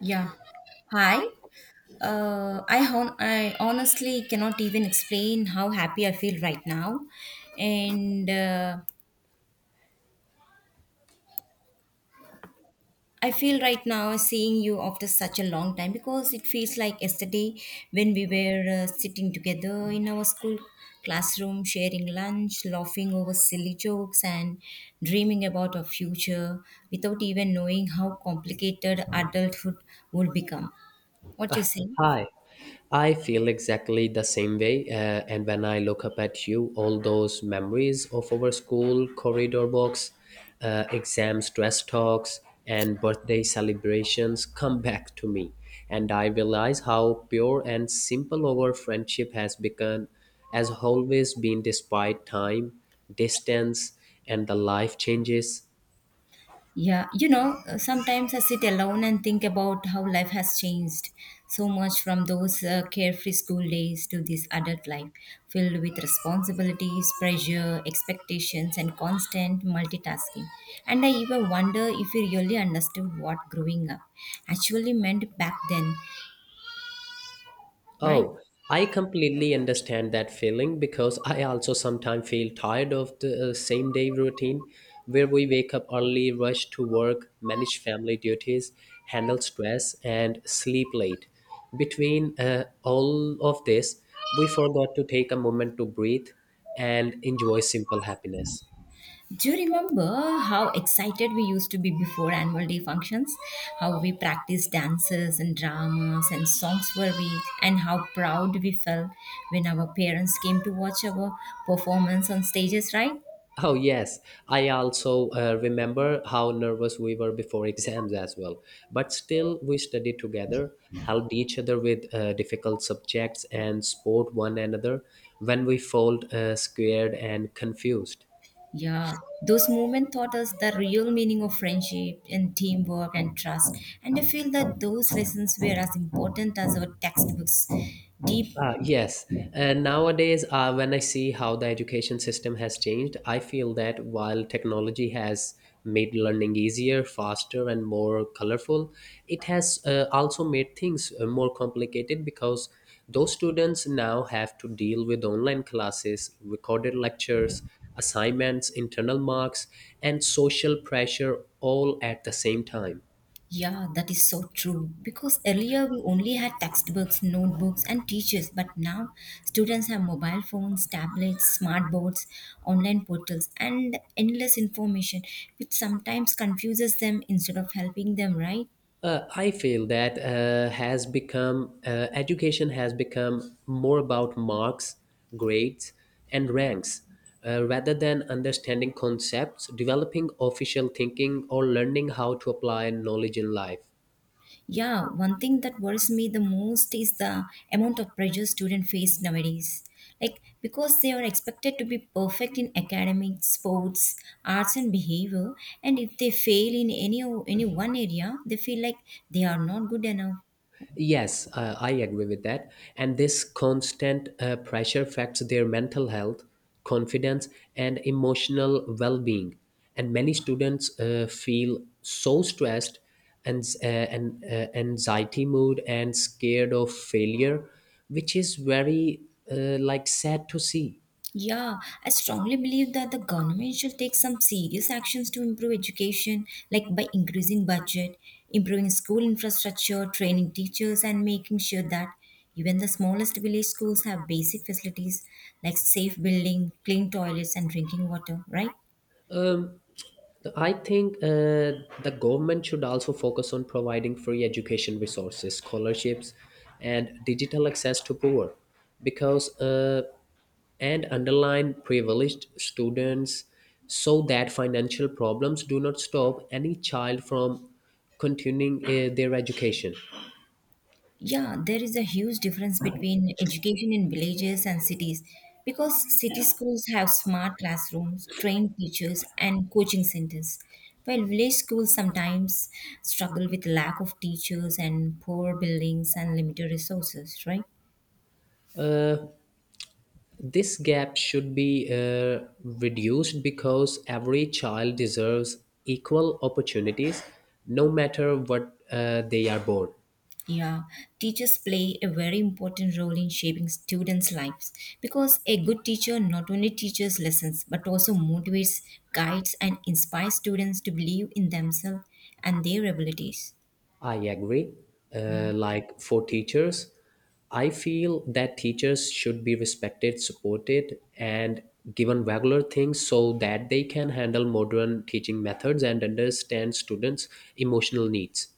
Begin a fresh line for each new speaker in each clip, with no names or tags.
Yeah. Hi. I honestly cannot even explain how happy I feel right now, and I feel right now seeing you after such a long time because it feels like yesterday when we were sitting together in our school classroom, sharing lunch, laughing over silly jokes, and dreaming about our future without even knowing how complicated adulthood would become. What do you say?
Hi, I feel exactly the same way. And when I look up at you, all those memories of our school corridor walks, exams, dress talks, and birthday celebrations come back to me. And I realize how pure and simple our friendship has become, has always been despite time, distance, and the life changes.
Yeah, sometimes I sit alone and think about how life has changed so much from those carefree school days to this adult life filled with responsibilities, pressure, expectations, and constant multitasking. And I even wonder if we really understood what growing up actually meant back then, right?
Oh, I completely understand that feeling because I also sometimes feel tired of the same day routine where we wake up early, rush to work, manage family duties, handle stress, and sleep late. Between all of this, we forgot to take a moment to breathe and enjoy simple happiness.
Do you remember how excited we used to be before annual day functions? How we practiced dances and dramas and songs for a week, and how proud we felt when our parents came to watch our performance on stages, right?
Oh, yes. I also remember how nervous we were before exams as well. But still, we studied together, helped each other with difficult subjects, and support one another when we felt scared and confused.
Yeah, those moments taught us the real meaning of friendship and teamwork and trust. And I feel that those lessons were as important as our textbooks. Deep.
Ah, yes. And nowadays, when I see how the education system has changed, I feel that while technology has made learning easier, faster, and more colorful, it has also made things more complicated because those students now have to deal with online classes, recorded lectures, assignments, internal marks, and social pressure all at the same time.
Yeah, that is so true. Because earlier we only had textbooks, notebooks, and teachers, but now students have mobile phones, tablets, smart boards, online portals, and endless information, which sometimes confuses them instead of helping them, right?
I feel that has become education has become more about marks, grades, and ranks rather than understanding concepts, developing official thinking, or learning how to apply knowledge in life.
Yeah, one thing that worries me the most is the amount of pressure students face nowadays. Like, because they are expected to be perfect in academics, sports, arts, and behavior, and if they fail in any one area, they feel like they are not good enough.
Yes, I agree with that. And this constant pressure affects their mental health, confidence, and emotional well being. And many students feel so stressed and anxiety mood and scared of failure, which is very like sad to see.
Yeah, I strongly believe that the government should take some serious actions to improve education, like by increasing budget, improving school infrastructure, training teachers, and making sure that even the smallest village schools have basic facilities like safe building, clean toilets, and drinking water, right?
Um, I think the government should also focus on providing free education resources, scholarships, and digital access to poor, because and underline privileged students, so that financial problems do not stop any child from continuing their education.
Yeah, there is a huge difference between education in villages and cities because city schools have smart classrooms, trained teachers, and coaching centers, while village schools sometimes struggle with lack of teachers and poor buildings and limited resources, right?
This gap should be reduced because every child deserves equal opportunities, no matter what they are born.
Yeah, teachers play a very important role in shaping students' lives because a good teacher not only teaches lessons but also motivates, guides, and inspires students to believe in themselves and their abilities.
I agree.
Yeah.
Like for teachers, I feel that teachers should be respected, supported, and given regular things so that they can handle modern teaching methods and understand students' emotional needs.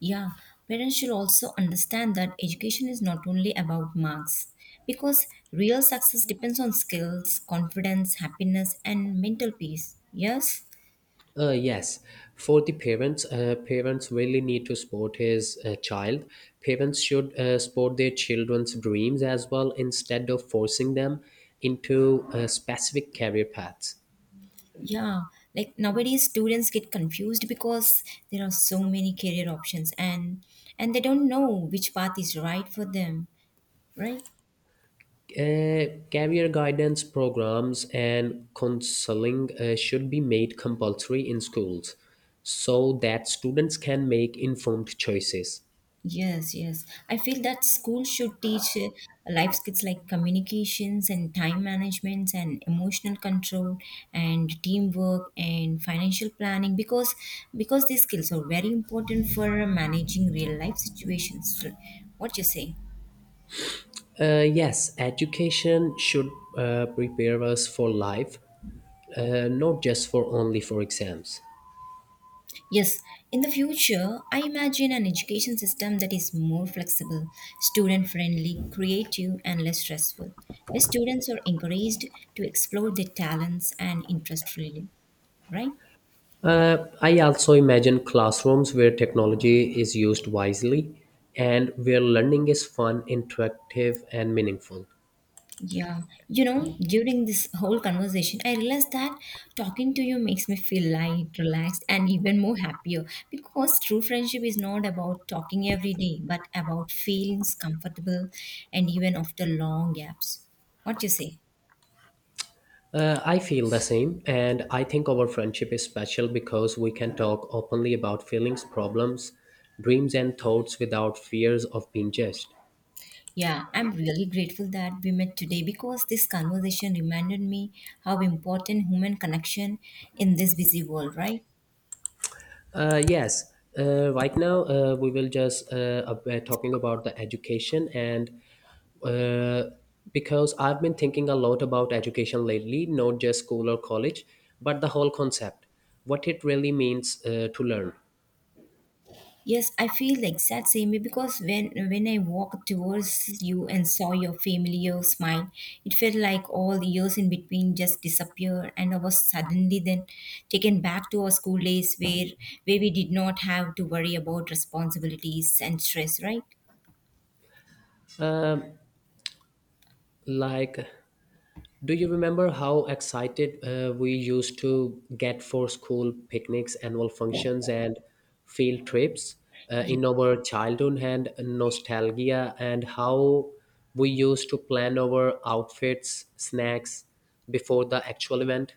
Yeah. Parents should also understand that education is not only about marks because real success depends on skills, confidence, happiness, and mental peace. Yes.
Uh, yes, for the parents, parents really need to support his child. Parents should support their children's dreams as well instead of forcing them into specific career paths.
Yeah. Like nowadays students get confused because there are so many career options and they don't know which path is right for them, right?
Career guidance programs and counseling should be made compulsory in schools so that students can make informed choices.
Yes, yes. I feel that school should teach life skills like communications and time management and emotional control and teamwork and financial planning because these skills are very important for managing real life situations. So, what you say?
Yes, education should prepare us for life, not just for exams.
Yes, in the future, I imagine an education system that is more flexible, student friendly, creative, and less stressful, where students are encouraged to explore their talents and interests freely. Right?
I also imagine classrooms where technology is used wisely and where learning is fun, interactive, and meaningful.
Yeah. You know, during this whole conversation, I realized that talking to you makes me feel light, relaxed, and even more happier because true friendship is not about talking every day, but about feelings comfortable and even after long gaps. What you say?
I feel the same, and I think our friendship is special because we can talk openly about feelings, problems, dreams, and thoughts without fears of being judged.
Yeah, I'm really grateful that we met today because this conversation reminded me how important human connection in this busy world, right?
Uh, yes, right now we will just ab- talking about the education and uh, because I've been thinking a lot about education lately, not just school or college, but the whole concept, what it really means to learn.
Yes, I feel the exact same way because when I walked towards you and saw your familiar smile, it felt like all the years in between just disappeared and I was suddenly then taken back to our school days where we did not have to worry about responsibilities and stress, right?
Like, do you remember how excited we used to get for school picnics, annual functions, and field trips in our childhood and nostalgia, and how we used to plan our outfits, snacks before the actual event?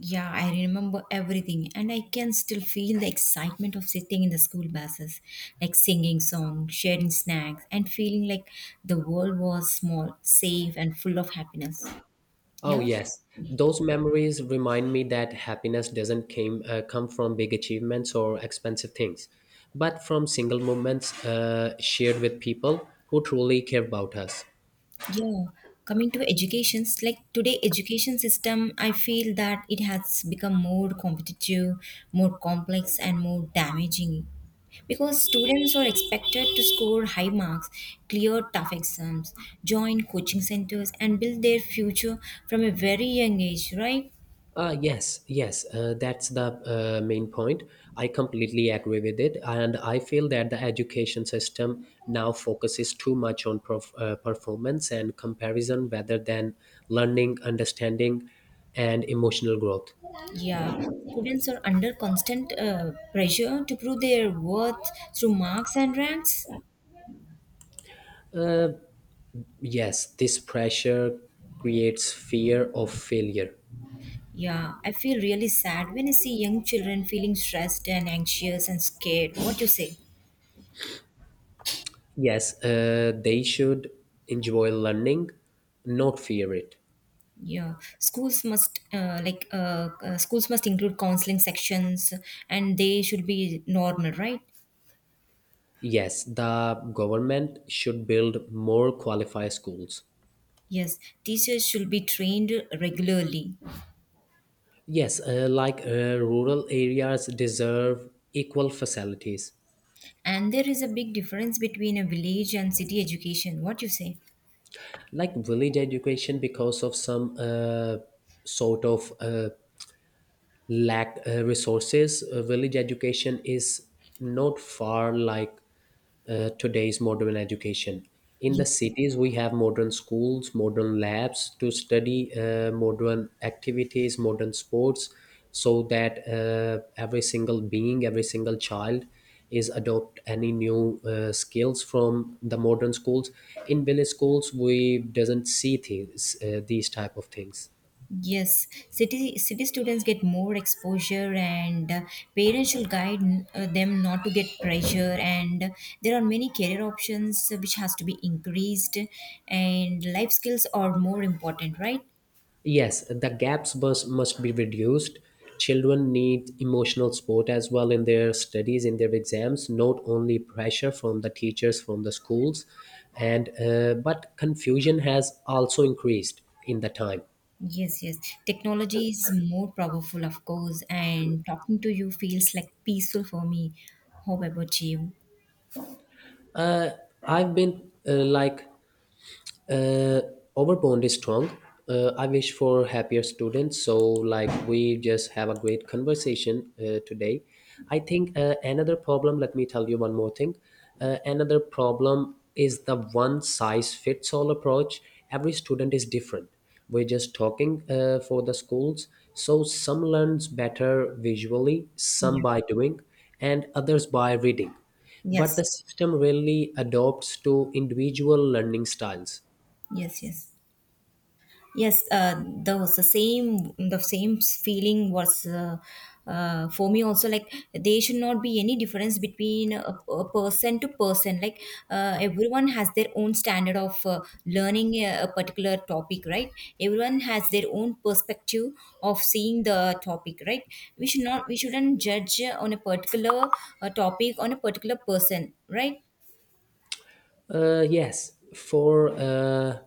Yeah, I remember everything, and I can still feel the excitement of sitting in the school buses, like singing songs, sharing snacks, and feeling like the world was small, safe, and full of happiness.
Oh,
Yeah.
yes. Those memories remind me that happiness doesn't come from big achievements or expensive things, but from single moments shared with people who truly care about us.
Yeah, coming to educations, like today education system, I feel that it has become more competitive, more complex and more damaging because students are expected to score high marks, clear tough exams, join coaching centers and build their future from a very young age, right?
Yes, that's the main point. I completely agree with it. And I feel that the education system now focuses too much on performance and comparison rather than learning, understanding, and emotional growth.
Yeah. Students are under constant pressure to prove their worth through marks and ranks.
Yes, this pressure creates fear of failure.
Yeah, I feel really sad when I see young children feeling stressed and anxious and scared. What you say?
Yes, they should enjoy learning, not fear it.
Yeah, schools must include counseling sections, and they should be normal, right?
Yes, the government should build more qualified schools.
Yes, teachers should be trained regularly,
Yes, rural areas deserve equal facilities,
and there is a big difference between a village and city education. What you say?
like village education because of some sort of lack resources. Village education is not far like today's modern education. In the
Yes.
cities, we have modern schools, modern labs to study modern activities, modern sports, so that every single being, every single child is adopt any new skills from the modern schools. In village schools, we doesn't see things, these type of things.
Yes, city students get more exposure, and parents should guide them not to get pressure. And there are many career options which has to be increased, and life skills are more important, right?
Yes, the gaps must be reduced. Children need emotional support as well in their studies, in their exams, not only pressure from the teachers, from the schools, and but confusion has also increased in the time.
Yes, yes. Technology is more powerful, of course, and talking to you feels like peaceful for me. How about you?
I've been uh, our bond is strong. I wish for happier students. So, like, we just have a great conversation today. I think another problem, let me tell you one more thing. Another problem is the one size fits all approach. Every student is different. We're just talking for the schools. So, some learns better visually, some
Yeah.
by doing, and others by reading, but the
Yes.
system really adopts to individual learning styles.
Yes. Yes. Yes, those, the same feeling was for me also. Like there should not be any difference between a person to person. Like everyone has their own standard of learning a particular topic, right? Everyone has their own perspective of seeing the topic, right? We shouldn't judge on a particular topic on a particular person, right?
Yes, for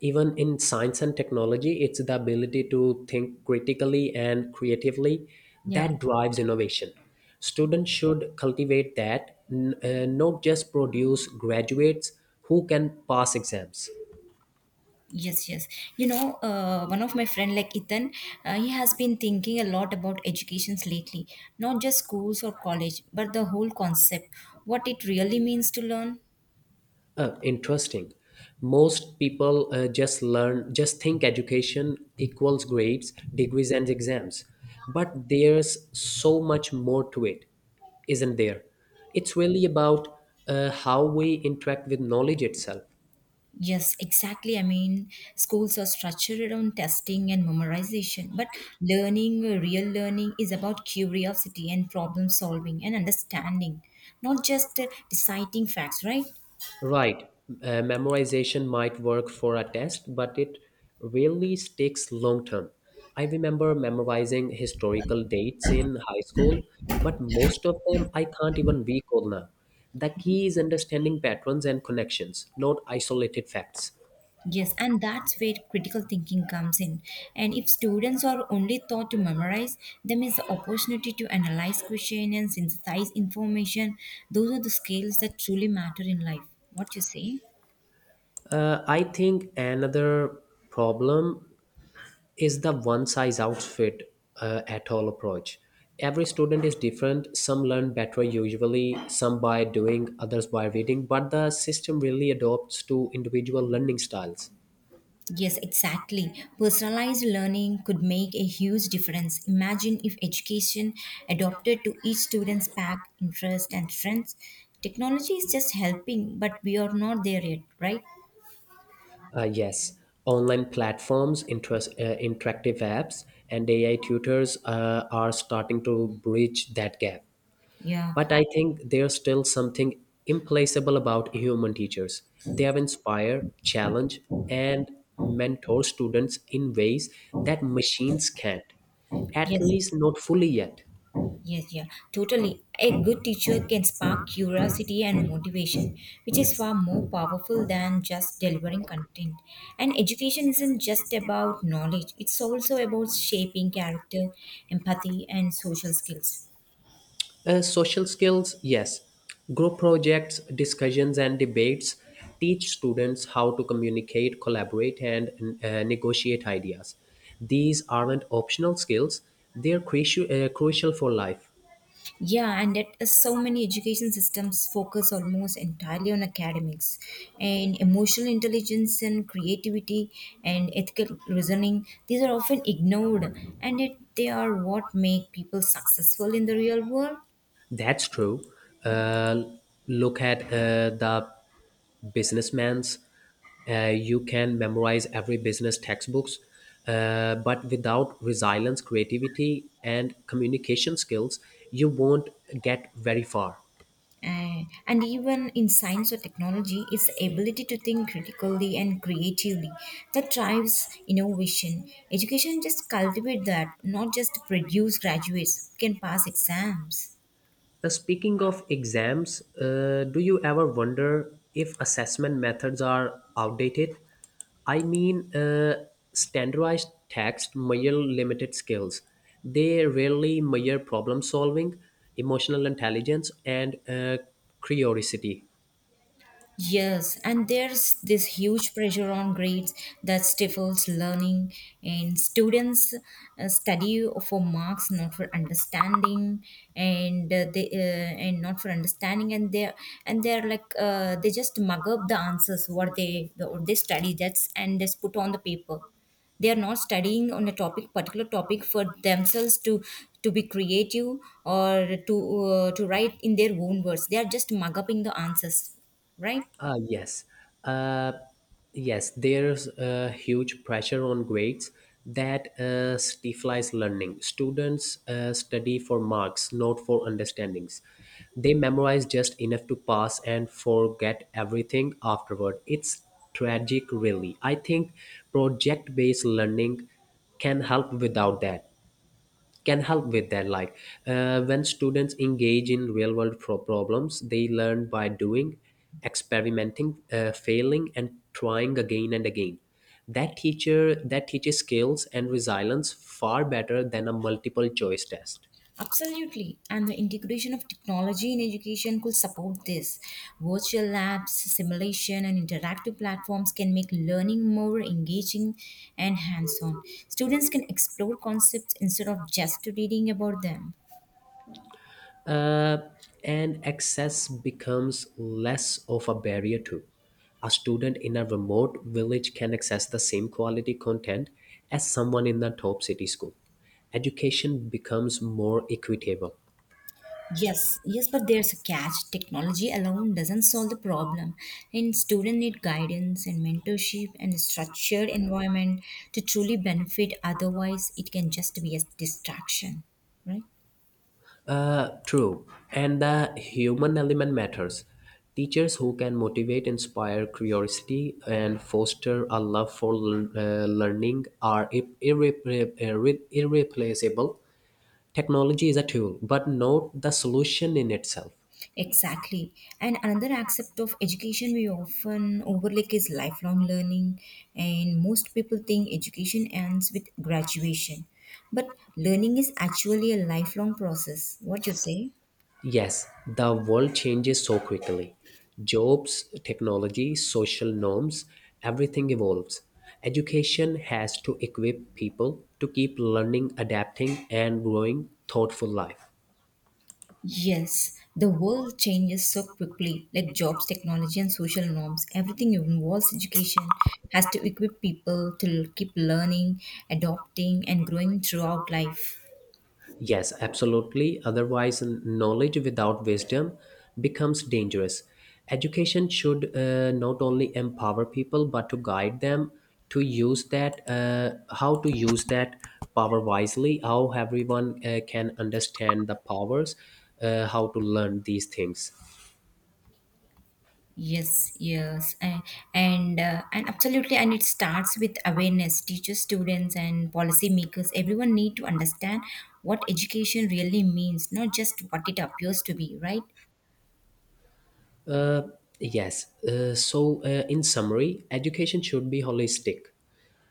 Even in science and technology, it's the ability to think critically and creatively
Yeah.
that drives innovation. Students should cultivate that, not just produce graduates who can pass exams.
Yes, yes. You know, one of my friend like Ethan, he has been thinking a lot about educations lately, not just schools or college, but the whole concept, what it really means to learn.
Interesting. Most people just think education equals grades, degrees, and exams. But there's so much more to it, isn't there? It's really about how we interact with knowledge itself.
Yes, exactly. I mean, schools are structured on testing and memorization, but learning, real learning, is about curiosity and problem solving and understanding, not just deciding facts, right?
Right. Memorization might work for a test, but it really sticks long term. I remember memorizing historical dates in high school, but most of them I can't even recall now. The key is understanding patterns and connections, not isolated facts.
Yes, and that's where critical thinking comes in. And if students are only taught to memorize, they miss the opportunity to analyze question and synthesize information. Those are the skills that truly matter in life. What you say?
I think another problem is the one size outfit at all approach. Every student is different. Some learn better usually, some by doing, others by reading, but the system really adopts to individual learning styles.
Yes, exactly. Personalized learning could make a huge difference. Imagine if education adopted to each student's pack, interest, and strengths. Technology is just helping, but we are not there yet, right?
Uh, yes, online platforms, interactive apps, and AI tutors are starting to bridge that gap.
Yeah.
But I think there's still something implacable about human teachers. They have inspired, challenged, and mentored students in ways that machines can't, at
Yes.
least not fully yet.
Oh, yes, yeah, totally. A good teacher can spark curiosity and motivation, which is far more powerful than just delivering content. And education isn't just about knowledge, it's also about shaping character, empathy, and social skills.
Social skills, yes. Group projects, discussions, and debates teach students how to communicate, collaborate, and negotiate ideas. These aren't optional skills, they're crucial for life.
Yeah, and yet so many education systems focus almost entirely on academics, and emotional intelligence and creativity and ethical reasoning these are often ignored, and yet they are what make people successful in the real world.
That's true. Uh, look at the businessman's. You can memorize every business textbooks, but without resilience, creativity, and communication skills, you won't get very far.
And even in science or technology, it's the ability to think critically and creatively that drives innovation. Education just cultivate that, not just produce graduates who can pass exams.
Speaking of exams, do you ever wonder if assessment methods are outdated? I mean, standardized tests measure limited skills. They rarely measure problem solving, emotional intelligence, and curiosity.
Yes, and there's this huge pressure on grades that stifles learning, and students study for marks, not for understanding, and uh, they uh, and not for understanding, and they're like they just mug up the answers what they study that's and just put on the paper. They are not studying on a topic particular topic for themselves to be creative or to write in their own words. They are just mug up the answers, right?
Ah, yes. Uh, yes, there's a huge pressure on grades that stifles learning. Students study for marks, not for understandings. They memorize just enough to pass and forget everything afterward. It's tragic, really. I think project based learning can help without that can help with that, like when students engage in real world problems, they learn by doing, experimenting, failing and trying again and again. That teaches skills and resilience far better than a multiple choice test.
Absolutely. And the integration of technology in education could support this. Virtual labs, simulation, and interactive platforms can make learning more engaging and hands on. Students can explore concepts instead of just reading about them.
Uh, and access becomes less of a barrier too. A student in a remote village can access the same quality content as someone in the top city school. Education becomes more equitable.
Yes, yes, but there's a catch. Technology alone doesn't solve the problem, and students need guidance and mentorship and a structured environment to truly benefit. Otherwise, it can just be a distraction, right?
True, and the human element matters. Teachers who can motivate, inspire curiosity, and foster a love for learning are irreplaceable. Technology is a tool, but not the solution in itself.
Exactly. And another aspect of education we often overlook is lifelong learning, and most people think education ends with graduation, but learning is actually a lifelong process. What you say?
Yes, the world changes so quickly. Jobs, technology, social norms, everything evolves. Education has to equip people to keep learning, adapting, and growing thoughtful life.
Yes, the world changes so quickly, like jobs, technology, and social norms. Everything involves education, has to equip people to keep learning, adopting, and growing throughout life.
Yes, absolutely. Otherwise, knowledge without wisdom becomes dangerous. Education should not only empower people but to guide them to use that, power wisely. How everyone can understand the powers, how to learn these things.
Yes, yes, and absolutely, and it starts with awareness. Teachers, students, and policymakers, everyone need to understand what education really means, not just what it appears to be, right?
Yes. So, in summary, education should be holistic,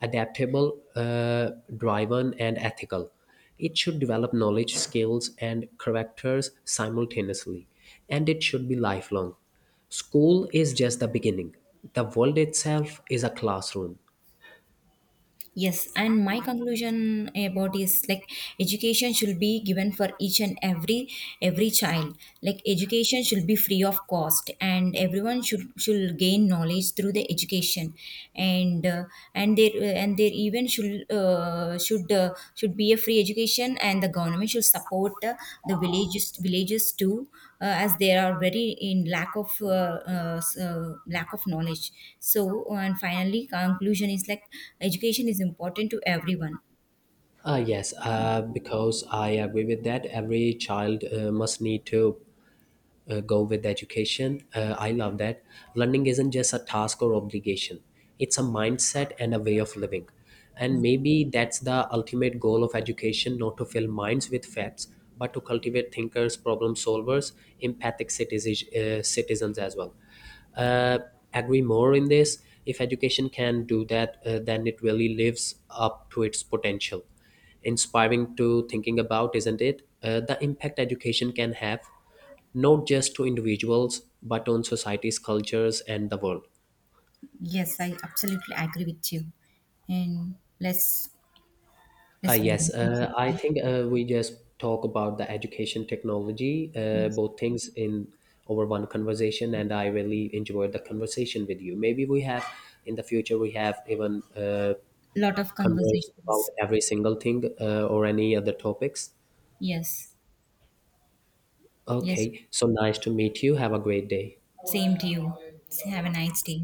adaptable, driven, and ethical. It should develop knowledge, skills, and characters simultaneously, and it should be lifelong. School is just the beginning. The world itself is a classroom.
Yes, and my conclusion about is like education should be given for each and every child. Like education should be free of cost, and everyone should gain knowledge through the education, and uh, and there and there even should should be a free education and the government should support the villages too as they are very in lack of lack of knowledge. So, and finally conclusion is like education is important to everyone.
Yes, because I agree with that, every child must need to go with education. I love that. Learning isn't just a task or obligation, it's a mindset and a way of living. And maybe that's the ultimate goal of education, not to fill minds with facts, but to cultivate thinkers, problem solvers, empathic citizens, citizens as well. Uh, agree more in this. If education can do that, then it really lives up to its potential inspiring to thinking about, isn't it? The impact education can have not just to individuals but on societies, cultures, and the world.
Yes, I absolutely agree with you. And let's let's go on
Yes
to the
I
section.
think we just talk about the education technology
Yes.
both things in over one conversation, and I really enjoyed the conversation with you. Maybe we have in the future we have even
Lot of
converse about
conversations.
every single thing or any other topics.
Yes. Yes,
Okay, so nice to meet you, have a great day.
same to you. Have a nice day.